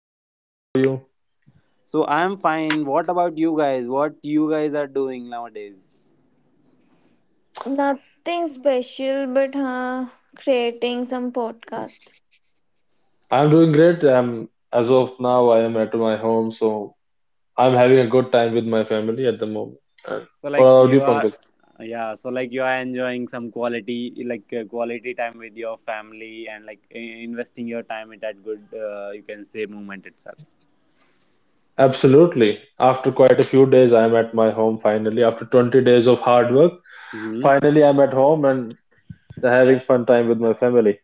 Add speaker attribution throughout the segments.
Speaker 1: Hello Pankaj, how are you?
Speaker 2: So I'm fine. What about you guys? What you guys are doing nowadays?
Speaker 3: Nothing special, but creating some podcast.
Speaker 1: I'm doing great. I'm as of now I am at my home, so I'm having a good time with my family at the moment. And
Speaker 2: So
Speaker 1: what
Speaker 2: like
Speaker 1: about you,
Speaker 2: you are,
Speaker 1: Pankaj?
Speaker 2: yeah. So like you are enjoying some quality, quality time with your family and like investing your time in that good, you can say, moment itself.
Speaker 1: Absolutely. After quite a few days, I'm at my home finally. After 20 days of hard work,
Speaker 2: hmm
Speaker 1: finally I'm at home and having fun time with my family.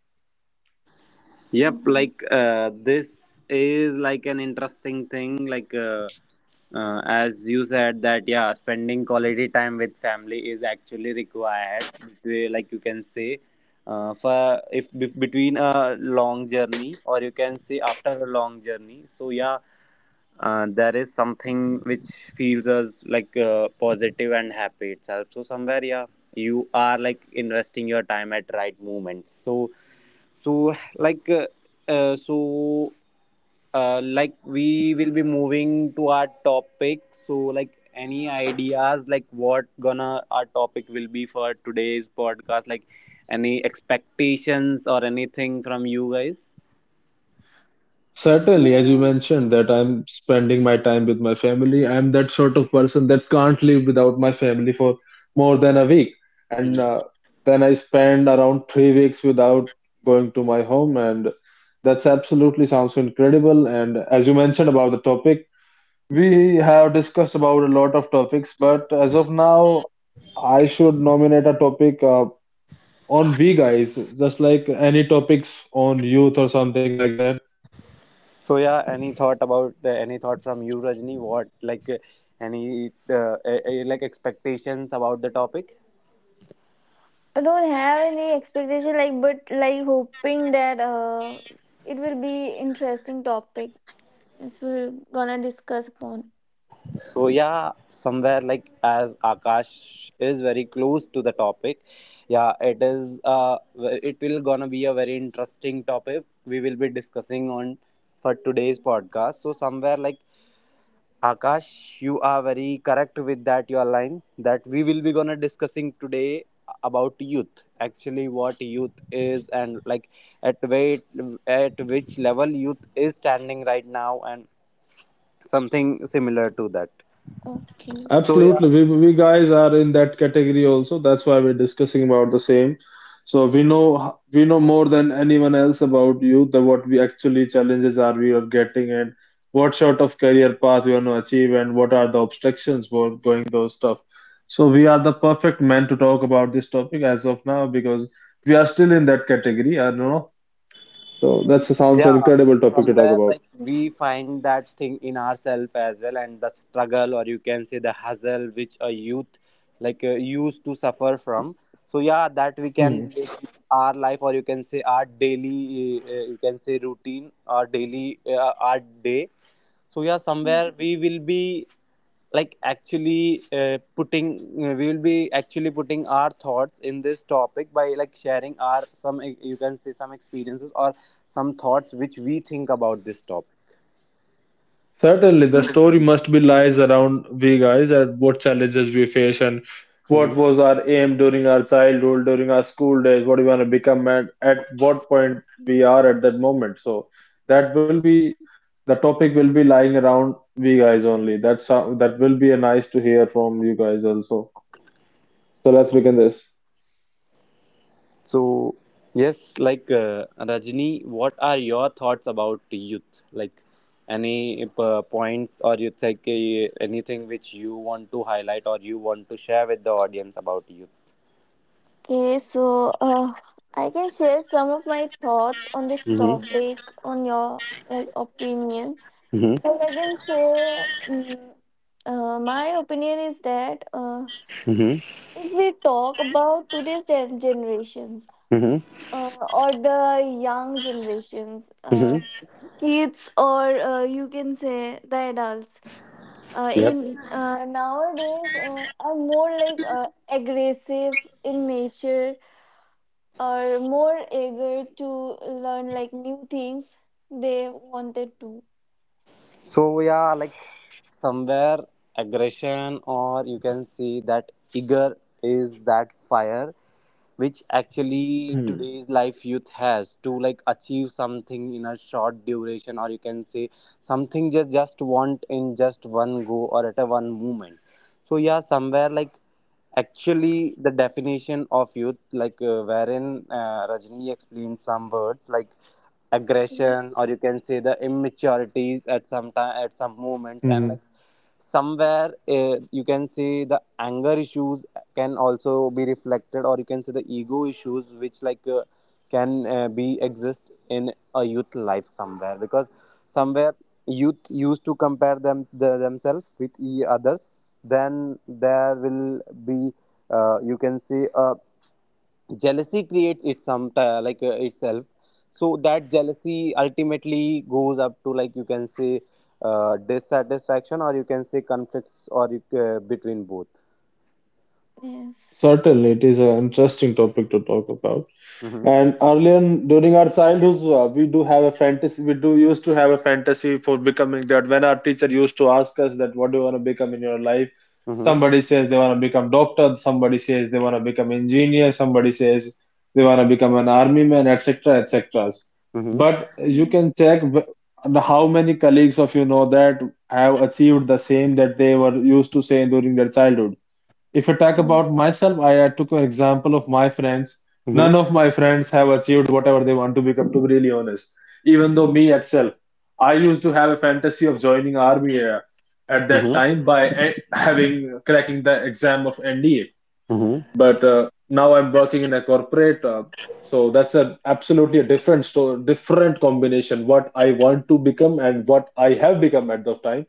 Speaker 2: Yep,
Speaker 3: Mm,
Speaker 2: this is like an interesting thing. As you said that yeah, spending quality time with family is actually required. Like you can say, for if be- between a long journey or you can say after a long journey. So yeah, there is something which feels us like positive and happy itself, so somewhere yeah, you are like investing your time at right moments. So like uh, uh, so, like we will be moving to our topic. So, like any ideas, like what gonna our topic will be for today's podcast? Like any expectations or anything from you guys?
Speaker 1: Certainly, as you mentioned, that I'm spending my time with my family. I'm that sort of person that can't live without my family for more than a week. And
Speaker 2: Mhm.
Speaker 1: Then I spend around 3 weeks without going to my home. And that's absolutely sounds incredible. And as you mentioned about the topic, we have discussed about a lot of topics, but as of now, I should nominate a topic on we guys, just like any topics on youth or something like that.
Speaker 2: So yeah, any thought about any thought from you, Rajni? What like any Like expectations about the topic?
Speaker 3: I don't have any expectation, like, but like hoping that it will be interesting topic. This will gonna discuss upon.
Speaker 2: So yeah, somewhere like as Akash is very close to the topic, yeah, it is. It will gonna be a very interesting topic we will be discussing on for today's podcast. So somewhere like Akash, you are very correct with that your line that we will be gonna discussing today about youth. Actually, what youth is and like at wait, at which level youth is standing right now and something similar to that.
Speaker 3: Okay.
Speaker 2: So yeah.
Speaker 1: Absolutely. We guys are in that category also. That's why we're discussing about the same. So we know more than anyone else about you, the what we actually challenges are we are getting and what sort of career path we want to achieve and what are the obstructions for going those stuff. So we are the perfect men to talk about this topic as of now because we are still in that category, I don't know. So that sounds an
Speaker 2: Yeah,
Speaker 1: incredible topic to talk
Speaker 2: somewhere
Speaker 1: about.
Speaker 2: like we find that thing in ourselves as well and the struggle or you can say the hassle which a youth used to suffer from. So yeah, that we can relate with our life or you can say our daily you can say routine or daily our day. So yeah, somewhere we will be like actually putting we will be actually putting our thoughts in this topic by like sharing our some you can say some experiences or some thoughts which we think about this topic.
Speaker 1: Certainly, the story must be lies around we guys and what challenges we face and what
Speaker 2: Mhm.
Speaker 1: was our aim during our childhood, during our school days, what we want to become, and at what point we are at that moment. So that will be the topic will be lying around we guys only. That will be a nice to hear from you guys also. So let's begin this.
Speaker 2: So yes, Rajni, what are your thoughts about youth? Like any points or you think anything which you want to highlight or you want to share with the audience about youth?
Speaker 3: Okay, so I can share some of my thoughts on this
Speaker 2: Mm-hmm.
Speaker 3: topic, on your like opinion.
Speaker 2: Mm-hmm.
Speaker 3: Like I can say, mm, my opinion is that
Speaker 2: Mm-hmm.
Speaker 3: if we talk about today's generations
Speaker 2: Mm-hmm.
Speaker 3: or the young generations, kids or you can say the adults,
Speaker 2: Mm-hmm.
Speaker 3: in nowadays are more like aggressive in nature or more eager to learn like new things they wanted to.
Speaker 2: So yeah, like somewhere aggression or you can see that eager is that fire which actually
Speaker 1: Hmm.
Speaker 2: today's life youth has to like achieve something in a short duration or you can say something just want in just one go or at a one moment. So yeah, somewhere like actually the definition of youth wherein Rajni explained some words like aggression or you
Speaker 3: Yes.
Speaker 2: can say the immaturities at some time at some moments. And like
Speaker 1: Mhm.
Speaker 2: somewhere you can see the anger issues can also be reflected or you can see the ego issues which can be exist in a youth life somewhere, because somewhere
Speaker 3: Yes.
Speaker 2: youth used to compare themselves with e others, then there will be you can see a jealousy creates it some itself. So that jealousy ultimately goes up to like you can say dissatisfaction or you can say conflicts or between both.
Speaker 3: Yes.
Speaker 1: Certainly, it is an interesting topic to talk about.
Speaker 2: Mm-hmm.
Speaker 1: And during our childhood, we do have a fantasy. We do used to have a fantasy for becoming that. When our teacher used to ask us that, what do you want to become in your life?
Speaker 2: Mm-hmm.
Speaker 1: Somebody says they want to become doctor. Somebody says they want to become engineer. Somebody says they want to become an army man, etc., etc.
Speaker 2: Mm-hmm.
Speaker 1: But you
Speaker 3: Mm,
Speaker 1: can check how many colleagues of you know that have achieved the same that they were used to say during their childhood. If I talk
Speaker 3: mm,
Speaker 1: about myself, I took an example of my friends. None
Speaker 2: Mm-hmm.
Speaker 1: of my friends have achieved whatever they want to become, to be really honest. Even though me itself, I used to have a fantasy of joining army at that
Speaker 2: Mm-hmm.
Speaker 1: time by having cracking the exam of NDA.
Speaker 2: Mm-hmm. Mm-hmm.
Speaker 1: But now I'm working in a corporate, so that's a absolutely a different story, different combination. What I want to become and what I have become at the time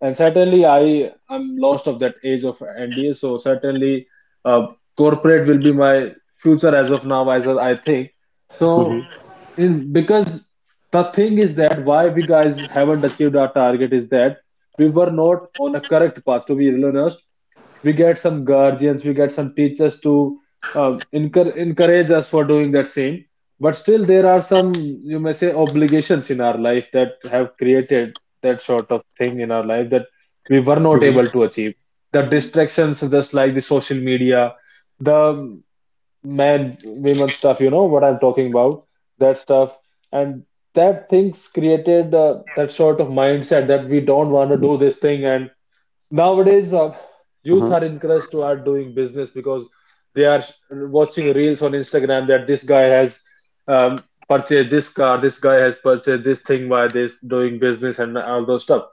Speaker 1: and certainly I am lost of that age of NDA. So certainly uh, corporate will be my future as of now, as I think. So in because the thing is that why we guys haven't achieved our target is that we were not on a correct path. To be real honest, we get some guardians we get some teachers to encourage us for doing that same, but still there are some you may say obligations in our life that have created that sort of thing in our life that we were not
Speaker 2: Mm-hmm.
Speaker 1: able to achieve the
Speaker 3: mm.
Speaker 1: distractions just like the social media, the man women stuff, you know what I'm talking about, that stuff. And that things created that sort of mindset that we don't want to do this thing. And nowadays, youth are encouraged to are doing business because they are watching reels on Instagram that this guy has um, purchased this car, this guy has purchased this thing by this, doing business and all those stuff.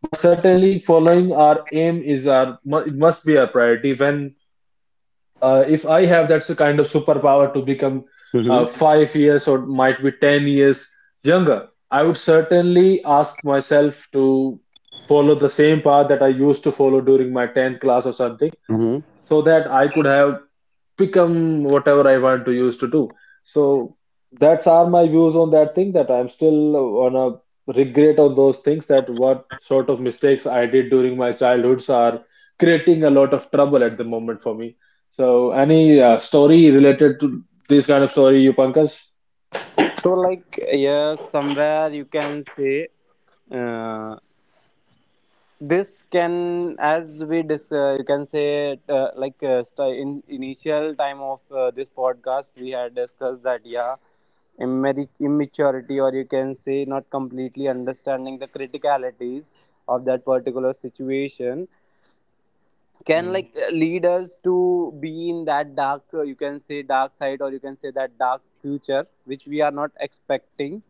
Speaker 1: But certainly, following our aim is it must be our priority. When If I have that's a kind of superpower to become
Speaker 2: Mm-hmm.
Speaker 1: 5 years or might be 10 years younger, I would certainly ask myself to follow the same path that I used to follow during my 10th class or something
Speaker 2: Mm-hmm.
Speaker 1: so that I could have become whatever I want to use to do. So that's are my views on that thing that I'm still on a regret on those things that what sort of mistakes I did during my childhoods are creating a lot of trouble at the moment for me. So any
Speaker 3: Yeah,
Speaker 1: story related to this kind of story you Pankaj?
Speaker 2: So like yeah, somewhere you can say, uh, this can, you can say, in initial time of this podcast we had discussed that yeah, immaturity or you can say not completely understanding the criticalities of that particular situation can
Speaker 1: Mm.
Speaker 2: lead us to be in that dark you can say dark side or you can say that dark future which we are not expecting.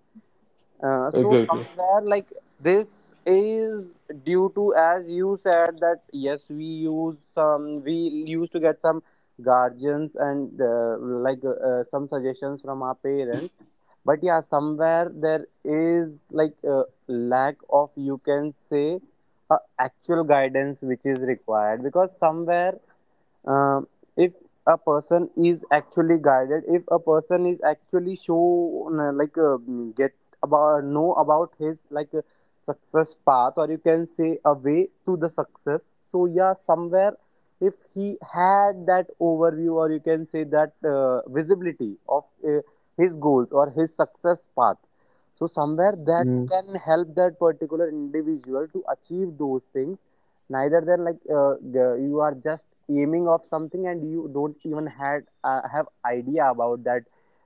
Speaker 2: So
Speaker 1: Exactly.
Speaker 2: somewhere like this is due to, as you said, that yes, we used to get some guardians and some suggestions from our parents, but yeah, somewhere there is like a lack of, you can say, actual guidance which is required, because somewhere uh, if a person is actually guided, if a person is actually shown get about know about his success path or you can say a way to the success. So yeah, somewhere if he had that overview or you can say that visibility of his goals or his success path, so somewhere that
Speaker 1: Mm,
Speaker 2: can help that particular individual to achieve those things, neither than you are just aiming of something and you don't even had have idea about that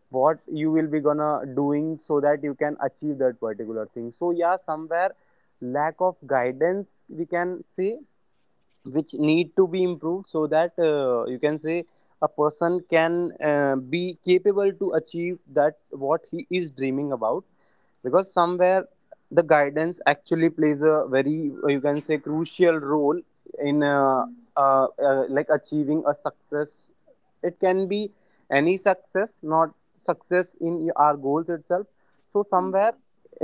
Speaker 2: what you will be gonna doing, so that you can achieve that particular thing. So yeah, somewhere lack of guidance we can say which need to be improved, so that you can say a person can be capable to achieve that what he is dreaming about, because somewhere the guidance actually plays a very you can say crucial role in
Speaker 3: mm,
Speaker 2: like achieving a success. It can be any success, not success in our goals itself. So
Speaker 3: mm.
Speaker 2: somewhere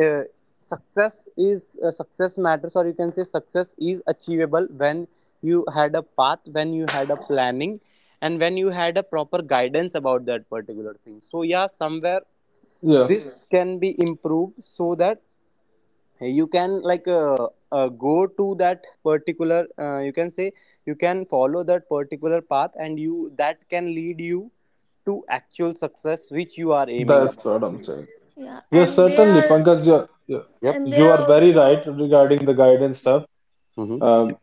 Speaker 2: uh, success is, success matters or you can say success is achievable when you had a path, when you had a planning, and when you had a proper guidance about that particular thing. So yeah, somewhere
Speaker 1: yeah,
Speaker 2: this, yeah, can be improved so that you can go to that particular, you can say, you can follow that particular path and you that can lead you to actual success which you are aiming
Speaker 1: that's
Speaker 2: about.
Speaker 1: what I'm saying.
Speaker 3: Yeah,
Speaker 1: Yes, certainly, Pankaj, you
Speaker 2: Yep.
Speaker 3: and they
Speaker 1: you
Speaker 3: are
Speaker 1: are very right
Speaker 3: also
Speaker 1: regarding the guidance stuff.
Speaker 2: Mm-hmm.
Speaker 1: Um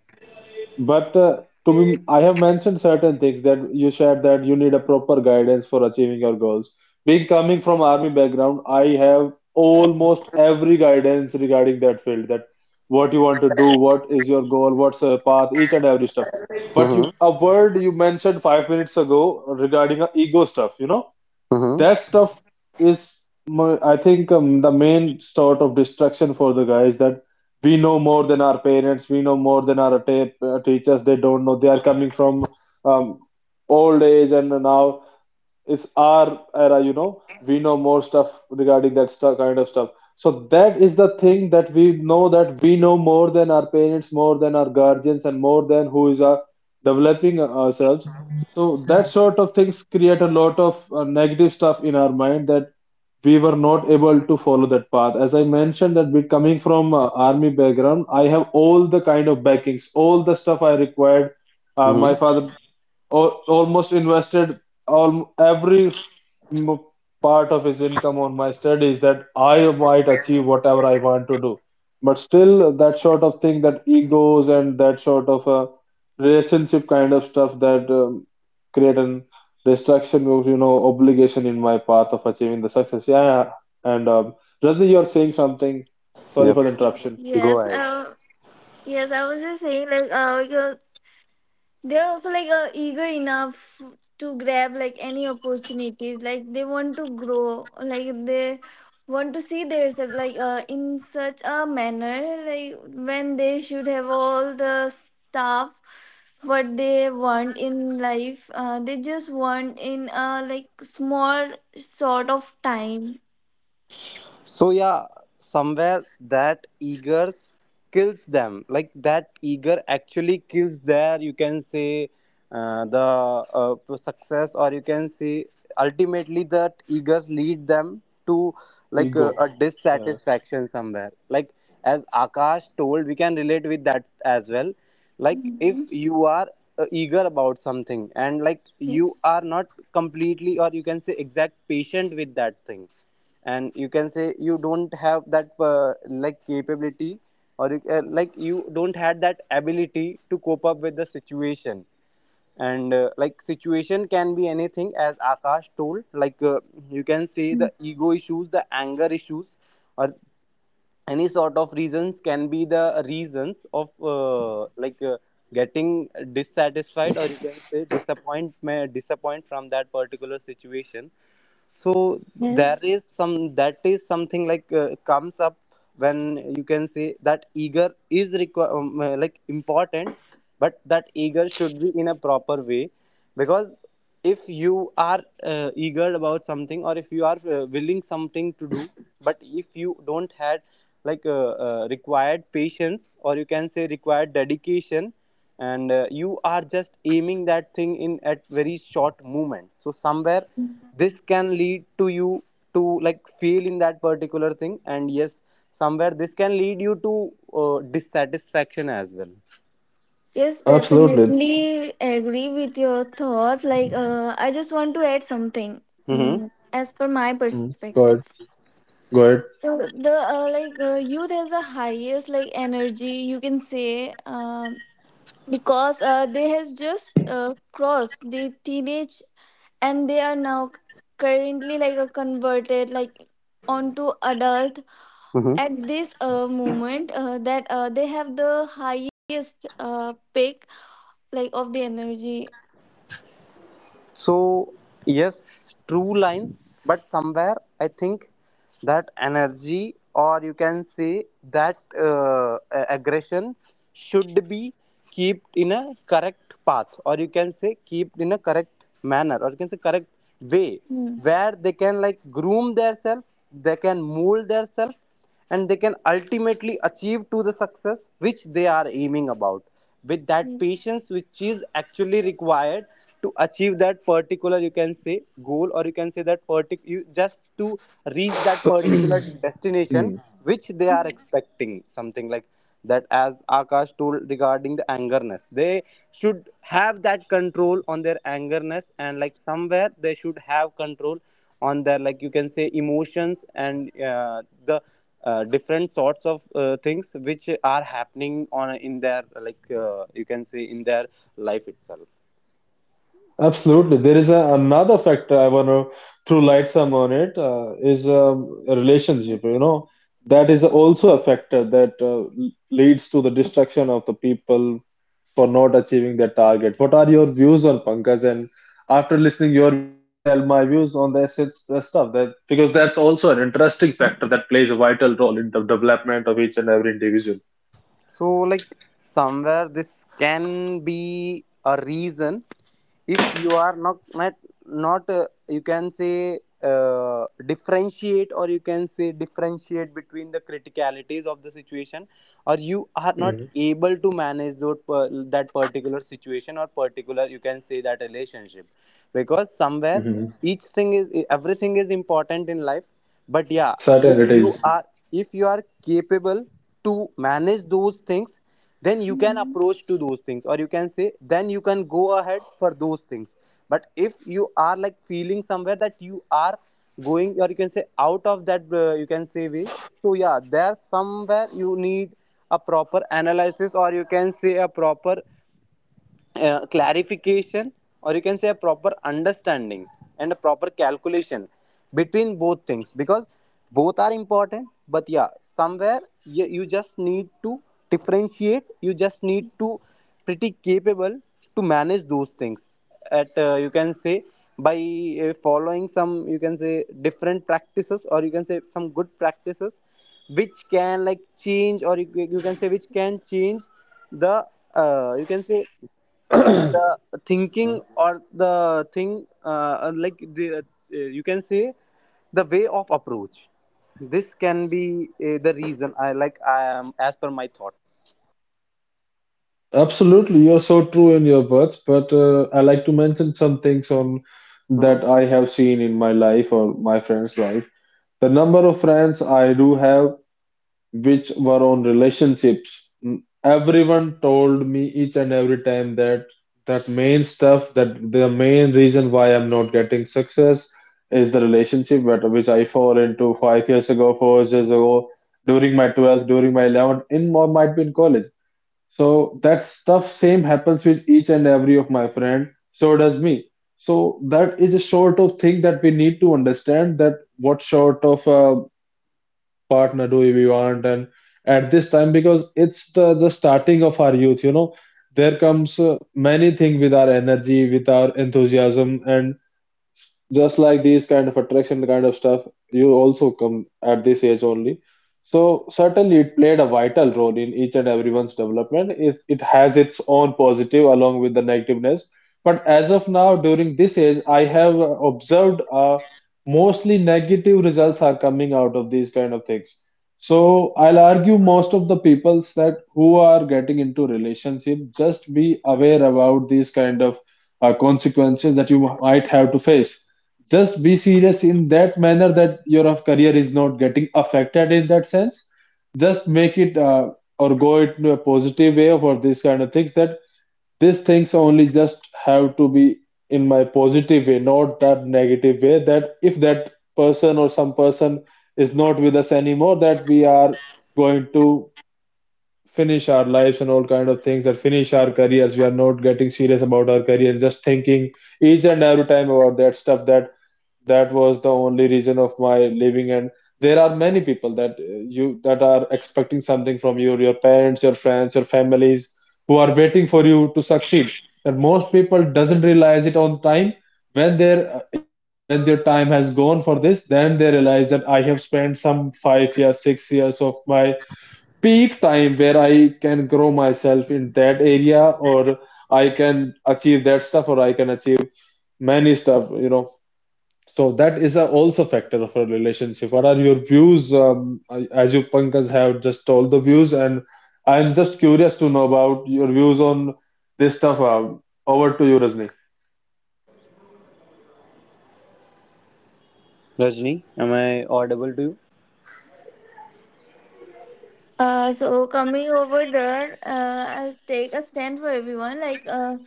Speaker 1: But To be, I have mentioned certain things that you shared that you need a proper guidance for achieving your goals. Being coming from army background, I have almost every guidance regarding that field, that what you want to do, what is your goal, what's your path, each and every stuff. But you,
Speaker 4: Mm-hmm.
Speaker 1: a word you mentioned 5 minutes ago regarding ego stuff, you know,
Speaker 4: Mm-hmm.
Speaker 1: that stuff is, I think, the main sort of distraction for the guys that we know more than our parents, we know more than our teachers. They don't know. They are coming from um, old age, and now it's our era, you know, we know more stuff regarding that stuff, kind of stuff. So that is the thing that we know more than our parents, more than our guardians, and more than who is our developing ourselves. So that sort of things create a lot of negative stuff in our mind that we were not able to follow that path. As I mentioned, that we coming from army background, I have all the kind of backings, all the stuff I required.
Speaker 4: Mm-hmm.
Speaker 1: My father almost invested all every f- m- part of his income on my studies that I might achieve whatever I want to do. But still, that sort of thing, that egos and that sort of relationship kind of stuff that create an distraction, of you know, obligation in my path of achieving the success. Yeah, yeah. and Razi, you're saying something. Sorry
Speaker 4: Yep.
Speaker 1: for the interruption.
Speaker 4: Go
Speaker 3: yes
Speaker 4: ahead.
Speaker 3: uh yes, I was just saying like uh, you they're also like eager enough to grab like any opportunities, like they want to grow, like they want to see themselves like in such a manner, like when they should have all the stuff what they want in life. They just want in a like small sort of time.
Speaker 4: So yeah, somewhere that eager kills them. Like that eager actually kills their, you can say, the success, or you can say, ultimately that eagers lead them to like
Speaker 1: Ego.
Speaker 4: a
Speaker 1: Yeah.
Speaker 4: dissatisfaction somewhere. Like as Akash told, we can relate with that as well. Like if
Speaker 3: Mhm.
Speaker 4: you are eager about something and like you
Speaker 3: Yes.
Speaker 4: are not completely or you can say exact patient with that thing and you can say you don't have that like capability or like you don't have that ability to cope up with the situation and like situation can be anything as akash told like you can say
Speaker 3: Mm,
Speaker 4: the ego issues the anger issues or any sort of reasons can be the reasons of getting dissatisfied or you can say disappointment disappoint from that particular situation so there
Speaker 3: yes.
Speaker 4: is some that is something like comes up when you can say that eager is like important but that eager should be in a proper way because if you are eager about something or if you are willing something to do but if you don't had like required patience or you can say required dedication and you are just aiming that thing in at very short moment so somewhere this can lead to you to like fail in that particular thing and yes somewhere this can lead you to dissatisfaction as well
Speaker 3: Yes,
Speaker 1: Absolutely.
Speaker 3: definitely agree with your thoughts. Like, I just want to add something,
Speaker 4: mm-hmm.
Speaker 3: as per my
Speaker 1: Mm.
Speaker 3: perspective.
Speaker 1: Go ahead.
Speaker 3: So the youth has the highest like energy, you can say. Because they has just crossed the teenage and they are now currently like converted like onto adult
Speaker 4: Mm-hmm.
Speaker 3: at this moment, that they have the highest peak like of the energy.
Speaker 4: So, yes, true lines, but somewhere I think that energy, or you can say that aggression, should be kept in a correct path, or you can say kept in a correct manner, or you can say correct way,
Speaker 3: Mm,
Speaker 4: where they can like groom themselves, they can mold themselves, and they can ultimately achieve to the success which they are aiming about with that
Speaker 3: yes,
Speaker 4: patience which is actually required to achieve that particular you can say goal or you can say that particular you just to reach that
Speaker 1: Go
Speaker 4: particular
Speaker 1: ahead.
Speaker 4: destination which they are expecting something like that as akash told regarding the angerness they should have that control on their angerness and like somewhere they should have control on their like you can say emotions and the different sorts of things which are happening on in their like you can say in their life itself
Speaker 1: Absolutely. There is a, another factor I want to throw light some on it is a relationship, you
Speaker 3: yes.
Speaker 1: know. That is also a factor that leads to the destruction of the people for not achieving their target. What are your views on Pankaj? And after listening your views, I'll tell my views on the essence the stuff that because that's also an interesting factor that plays a vital role in the development of each and every individual.
Speaker 4: so like somewhere this can be a reason if you are not you can say differentiate or you can say differentiate between the criticalities of the situation or you are not able to manage those, per, that particular situation or particular you can say that relationship because somewhere
Speaker 1: Mm-hmm.
Speaker 4: each thing is everything is important in life but yeah if
Speaker 1: Certainly
Speaker 4: you
Speaker 1: it
Speaker 4: are if you are capable to manage those things then you can
Speaker 3: Mhm.
Speaker 4: approach to those things or you can say then you can go ahead for those things but if you are like feeling somewhere that you are going or you can say out of that you can say way so yeah there somewhere you need a proper analysis or you can say a proper clarification or you can say a proper understanding and a proper calculation between both things because both are important but yeah somewhere you just need to differentiate you just need to pretty capable to manage those things at you can say by following some you can say different practices or you can say some good practices which can like change or you can say which can change the you can say
Speaker 1: is.
Speaker 4: the thinking or the thing like the you can say the way of approach this can be the reason I like I am as per my thoughts
Speaker 1: Absolutely, you're so true in your words, but I like to mention some things on
Speaker 4: hmm
Speaker 1: that I have seen in my life or my friends' life. The number of friends I do have which were on relationships. Mm, everyone told me each and every time that that main stuff, that the main reason why I'm not getting success is the relationship that which I fall into 5 years ago, 4 years ago, during my 12th, during my 11th, in or might be in college. So that stuff same happens with each and every of my friend. So does me. So that is a sort of thing that we need to understand that what sort of partner do we want and at this time because it's the starting of our youth, there comes many things with our energy, with our enthusiasm, and just like these kind of attraction kind of stuff you also come at this age only. So certainly it played a vital role in each and everyone's development. It has its own positive along with the negativeness. But as of now during this age I have observed mostly negative results are coming out of these kind of things. So I'll argue most of the people that who are getting into relationship just be aware about these kind of consequences that you might have to face. Just be serious in that manner that your career is not getting affected in that sense. Just make it or go into a positive way for these kind of things, that these things only just have to be in my positive way, not that negative way, that if that person or some person is not with us anymore that we are going to finish our lives and all kind of things, that finish our careers, we are not getting serious about our career and just thinking each and every time about that stuff, that that was the only reason of my living. And there are many people that you that are expecting something from you, your parents, your friends, your families, who are waiting for you to succeed. And most people doesn't realize it on time. When their age and when their time has gone for this, then they realize that I have spent some 5 years 6 years of my peak time where I can grow myself in that area, or I can achieve that stuff, or I can achieve many stuff. So that is a also factor of a relationship. What are your views? As you Pankaj have just told the views, and I'm just curious to know about your views on this stuff. Over to you, Rajni.
Speaker 4: rajni am I audible to you
Speaker 3: So coming over there, I'll take a stand for everyone. Like,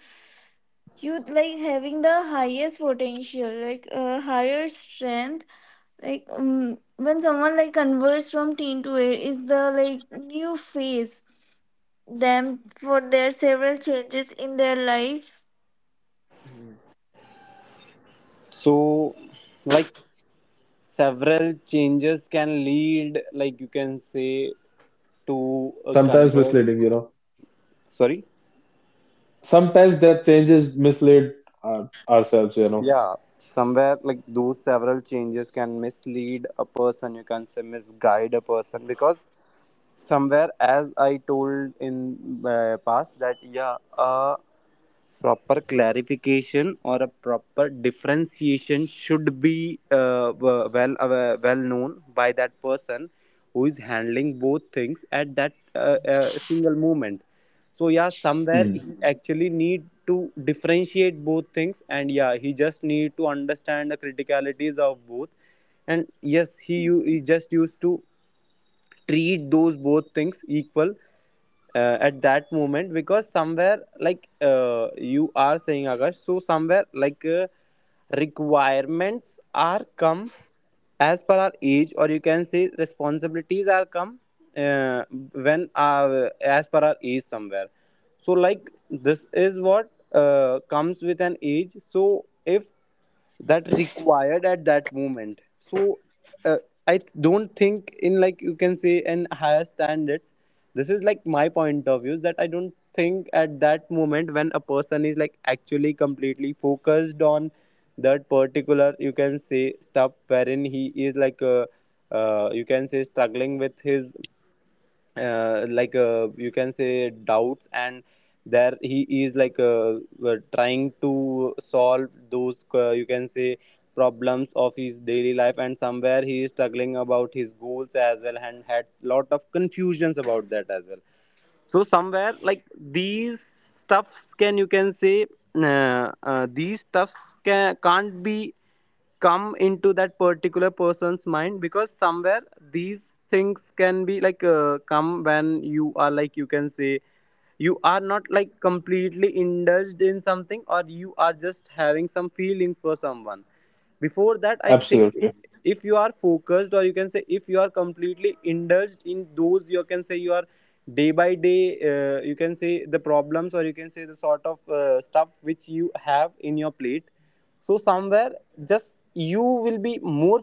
Speaker 3: you like having the highest potential, like higher strength. Like, when someone like converts from teen to it, is the like new phase them for their several changes in their life.
Speaker 1: Mhm.
Speaker 4: so like several changes can lead like you can say to a
Speaker 1: Sometimes
Speaker 4: convert
Speaker 1: misleading.
Speaker 4: sorry
Speaker 1: Sometimes that changes mislead ourselves.
Speaker 4: Yeah, somewhere like those several changes can mislead a person, you can say misguide a person because somewhere as I told in past that yeah, a proper clarification or a proper differentiation should be well known by that person who is handling both things at that single moment so yeah somewhere he
Speaker 1: Mhm.
Speaker 4: Mhm. actually need to differentiate both things and yeah he just need to understand the criticalities of both and yes he just used to treat those both things equal at that moment because somewhere like you are saying Akash, so somewhere like requirements are come as per our age or you can say responsibilities are come uh, when as per our age somewhere so like this is what comes with an age so if that required at that moment so uh, I don't think in like you can say in higher standards this is like my point of view is that I don't think at that moment when a person is like actually completely focused on that particular you can say stuff wherein he is like you can say struggling with his you can say doubts and there he is like trying to solve those you can say problems of his daily life and somewhere he is struggling about his goals as well and had lot of confusions about that as well so somewhere like these stuffs can you can say these stuffs can't be come into that particular person's mind because somewhere these things can be like come when you are like you can say you are not like completely indulged in something or you are just having some feelings for someone before that I think
Speaker 1: Absolutely.
Speaker 4: if you are focused or you can say if you are completely indulged in those you can say you are day by day you can say the problems or you can say the sort of stuff which you have in your plate so somewhere just you will be more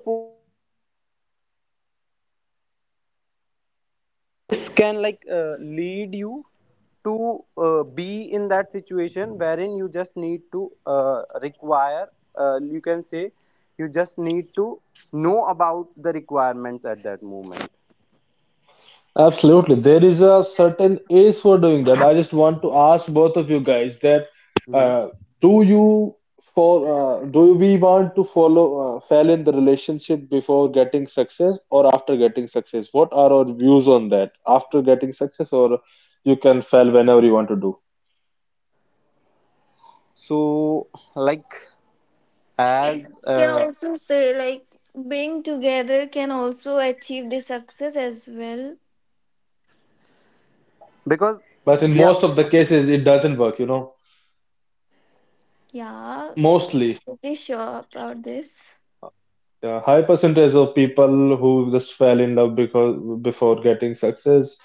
Speaker 5: Can lead you to be in that situation wherein you just need to require you can say you just need to know about the requirements at that moment.
Speaker 1: Absolutely. There is a certain age for doing that. I just want to ask both of you guys that
Speaker 5: Hmm.
Speaker 1: uh, do you for do we want to follow fail in the relationship before getting success or after getting success? What are our views on that? After getting success, or you can fail whenever you want to do.
Speaker 5: so like as
Speaker 3: Can also say like being together can also achieve the success as well.
Speaker 5: because
Speaker 1: But in
Speaker 5: yeah
Speaker 1: most of the cases it doesn't work.
Speaker 3: Yeah.
Speaker 1: Mostly.
Speaker 3: Pretty sure about this.
Speaker 1: Yeah, high percentage of people who just fell in love because before getting success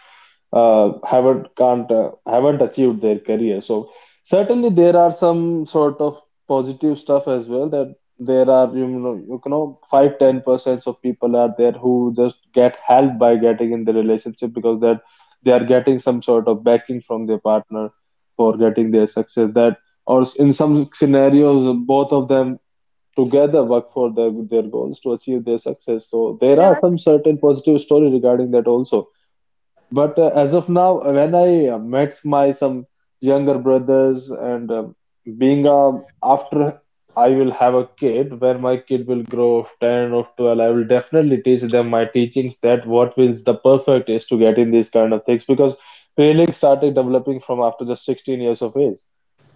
Speaker 1: haven't achieved their career. So certainly there are some sort of positive stuff as well that there are 5-10% of people are there who just get helped by getting in the relationship because that they are getting some sort of backing from their partner for getting their success, that or in some scenarios both of them together work for their goals to achieve their success. So there are
Speaker 3: Yeah.
Speaker 1: some certain positive story regarding that also. But as of now, when I met my some younger brothers and being a after I will have a kid, when my kid will grow of 10 or 12, I will definitely teach them my teachings that what is the perfect is to get in these kind of things because feelings started developing from after just 16 years of age,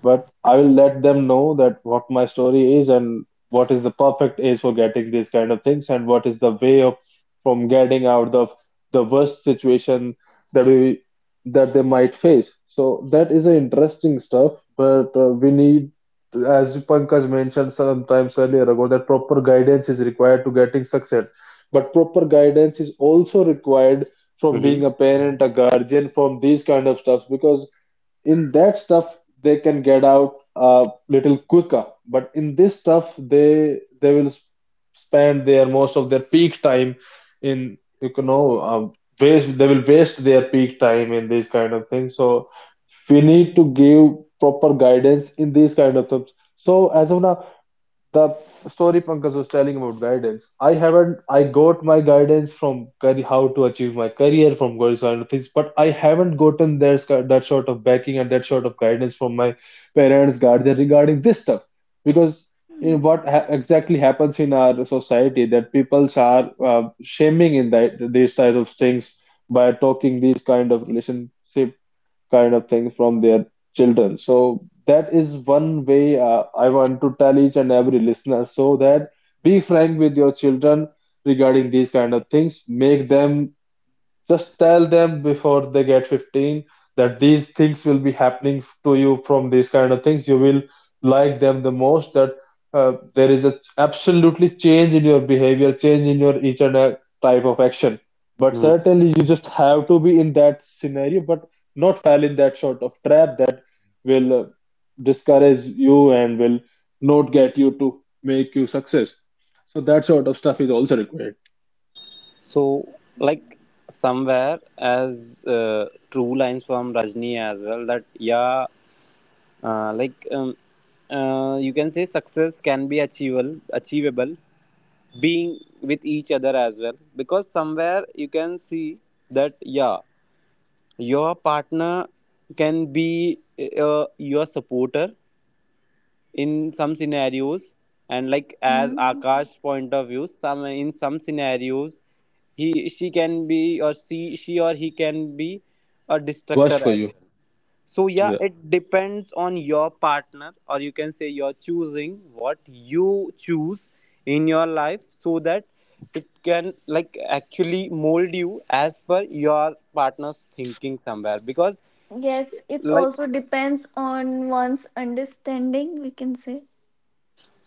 Speaker 1: but I will let them know that what my story is and what is the perfect age for getting these kind of things and what is the way of from getting out of the worst situation that we that they might face. So that is an interesting stuff. But we need, as Pankaj mentioned sometimes earlier ago, that proper guidance is required to getting success. But proper guidance is also required from
Speaker 5: hmm
Speaker 1: being a parent, a guardian, from these kind of stuffs because in that stuff they can get out a little quicker, but in this stuff they will spend their most of their peak time in waste, they will waste their peak time in these kind of things. So we need to give proper guidance in these kind of things. So as of now the story Pankaj was telling about guidance. I haven't. I got my guidance from career, how to achieve my career from Gauri Sarnathis, but I haven't gotten their, that sort of backing and that sort of guidance from my parents, guardian regarding this stuff. Because what ha exactly happens in our society that people are shaming in that these type of things by talking these kind of relationship kind of thing from their children. So that is one way I want to tell each and every listener so that be frank with your children regarding these kind of things. Make them just tell them before they get 15 that these things will be happening to you from these kind of things. You will like them the most. That there is a absolutely change in your behavior, change in your each and a type of action. But
Speaker 5: Hmm.
Speaker 1: certainly, you just have to be in that scenario, but not fall in that sort of trap that will discourage you and will not get you to make you success. So that sort of stuff is also required.
Speaker 5: So, like somewhere, as true lines from Rajni as well, that yeah. Like you can say success can be achievable being with each other as well, because somewhere you can see that, yeah, your partner can be your supporter in some scenarios, and as
Speaker 3: Mhm.
Speaker 5: Akash's point of view, some in some scenarios he she can be, or she or he can be a destructor
Speaker 1: Worst for
Speaker 5: as
Speaker 1: you.
Speaker 5: well. So yeah,
Speaker 1: Yeah.
Speaker 5: it depends on your partner, or you can say you're choosing what you choose in your life, so that it can actually mold you as per your partner's thinking somewhere. Because sh-
Speaker 3: Yes, it
Speaker 5: like
Speaker 3: also depends on one's understanding, we can say.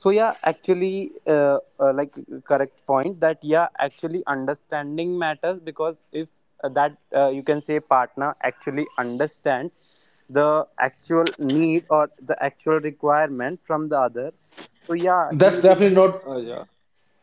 Speaker 5: so yeah, actually, correct point that yeah, actually understanding matters, because if that you can say, partner actually understands the actual need or the actual requirement from the other. So yeah, he
Speaker 1: That's
Speaker 5: will
Speaker 1: definitely
Speaker 5: be,
Speaker 1: not, yeah.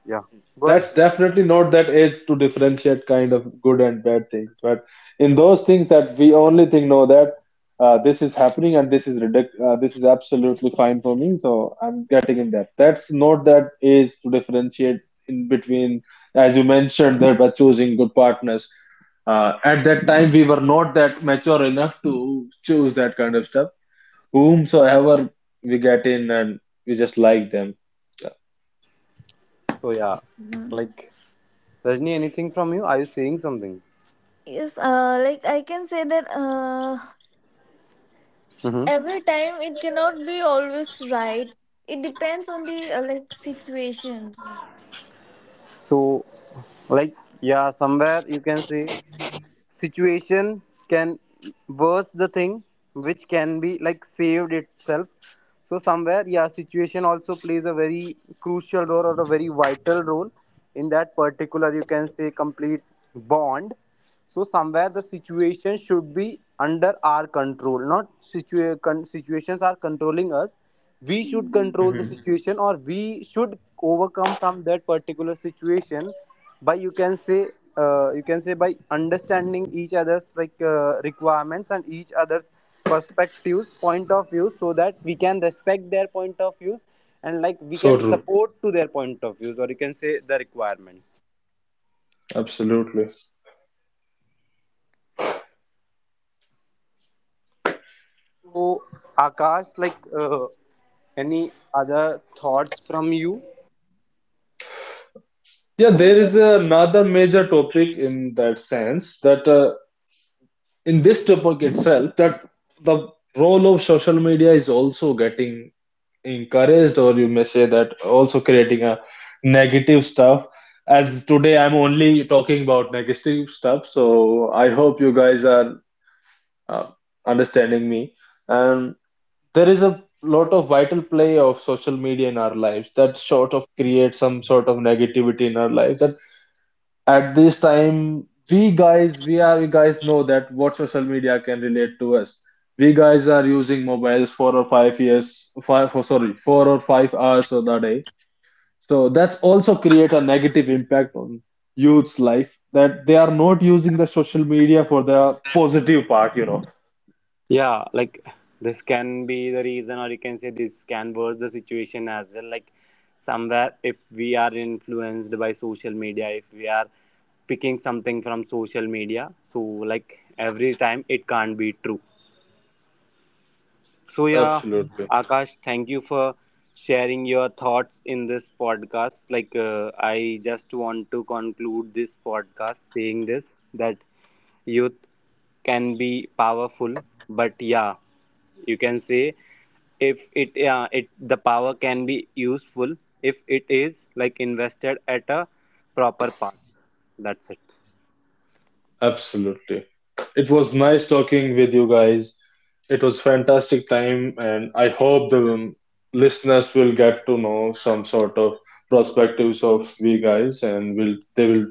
Speaker 5: yeah, go ahead.
Speaker 1: That's definitely not that age to differentiate kind of good and bad things. But in those things that we only think, no, that this is happening and this is absolutely fine for me, so I'm getting in that. That's not that age to differentiate in between, as you mentioned, that by choosing good partners. At that time, we were not that mature enough to choose that kind of stuff. Whomsoever we get in and we just like them.
Speaker 5: So yeah,
Speaker 3: Mhm.
Speaker 5: like Rajni, anything from you? Are you saying something?
Speaker 3: Yes, like I can say that
Speaker 5: Mm-hmm.
Speaker 3: every time it cannot be always right. It depends on the like situations.
Speaker 5: So, like yeah, somewhere you can say situation can worse the thing which can be saved itself. So somewhere, yeah, situation also plays a very crucial role or a very vital role in that particular, you can say, complete bond. So somewhere the situation should be under our control, not situations are controlling us. We should
Speaker 3: Mhm.
Speaker 5: control the
Speaker 1: Yeah.
Speaker 5: situation, or we should overcome from that particular situation by, you can say, you can say, by understanding each other's requirements and each other's perspectives, point of views, so that we can respect their point of views, and we can
Speaker 1: So true.
Speaker 5: support to their point of views, or you can say the requirements.
Speaker 1: Absolutely.
Speaker 5: So Akash, any other thoughts from you?
Speaker 1: Yeah, there
Speaker 3: And
Speaker 1: is another major topic in that sense that in this topic itself, that the role of social media is also getting encouraged, or you may say that also creating a negative stuff. As today, I'm only talking about negative stuff, so I hope you guys are uh, understanding me. And. There is a lot of vital play of social media in our lives that sort of creates some sort of negativity in our life. That at this time, we guys know that what social media can relate to us. We guys are using mobiles 4 or 5 years, five, oh, sorry, 4 or 5 hours of the day. So that's also create a negative impact on youth's life that they are not using the social media for the positive part.
Speaker 5: Yeah, this can be the reason, or you can say this can worse the situation as well. Like somewhere, if we are influenced by social media, if we are picking something from social media, so every time it can't be true. So yeah,
Speaker 1: Absolutely.
Speaker 5: Akash, thank you for sharing your thoughts in this podcast. I just want to conclude this podcast saying this, that youth can be powerful, but yeah, you can say, if it yeah it the power can be useful if it is invested at a proper path. That's it.
Speaker 1: Absolutely. It was nice talking with you guys. It was fantastic time, and I hope the listeners will get to know some sort of perspectives of we guys, and will they will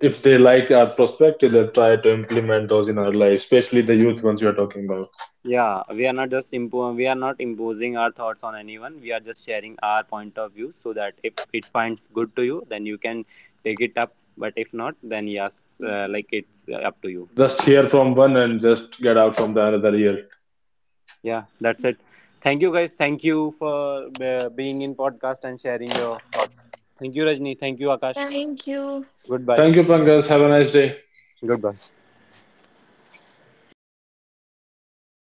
Speaker 1: if they like our perspective, they'll try to implement those in our life, especially the youth ones we are talking about.
Speaker 5: Yeah, we are not just we are not imposing our thoughts on anyone. We are just sharing our point of view so that if it finds good to you, then you can take it up. But if not, then yes, like it's up to you.
Speaker 1: Just hear from one and just get out from the another ear.
Speaker 5: Yeah, that's it. Thank you, guys. Thank you for being in podcast and sharing your thoughts. Thank you, Rajni. Thank you, Akash.
Speaker 3: thank you.
Speaker 5: Goodbye.
Speaker 1: Thank you, Pankaj. Have a nice day.
Speaker 5: Goodbye.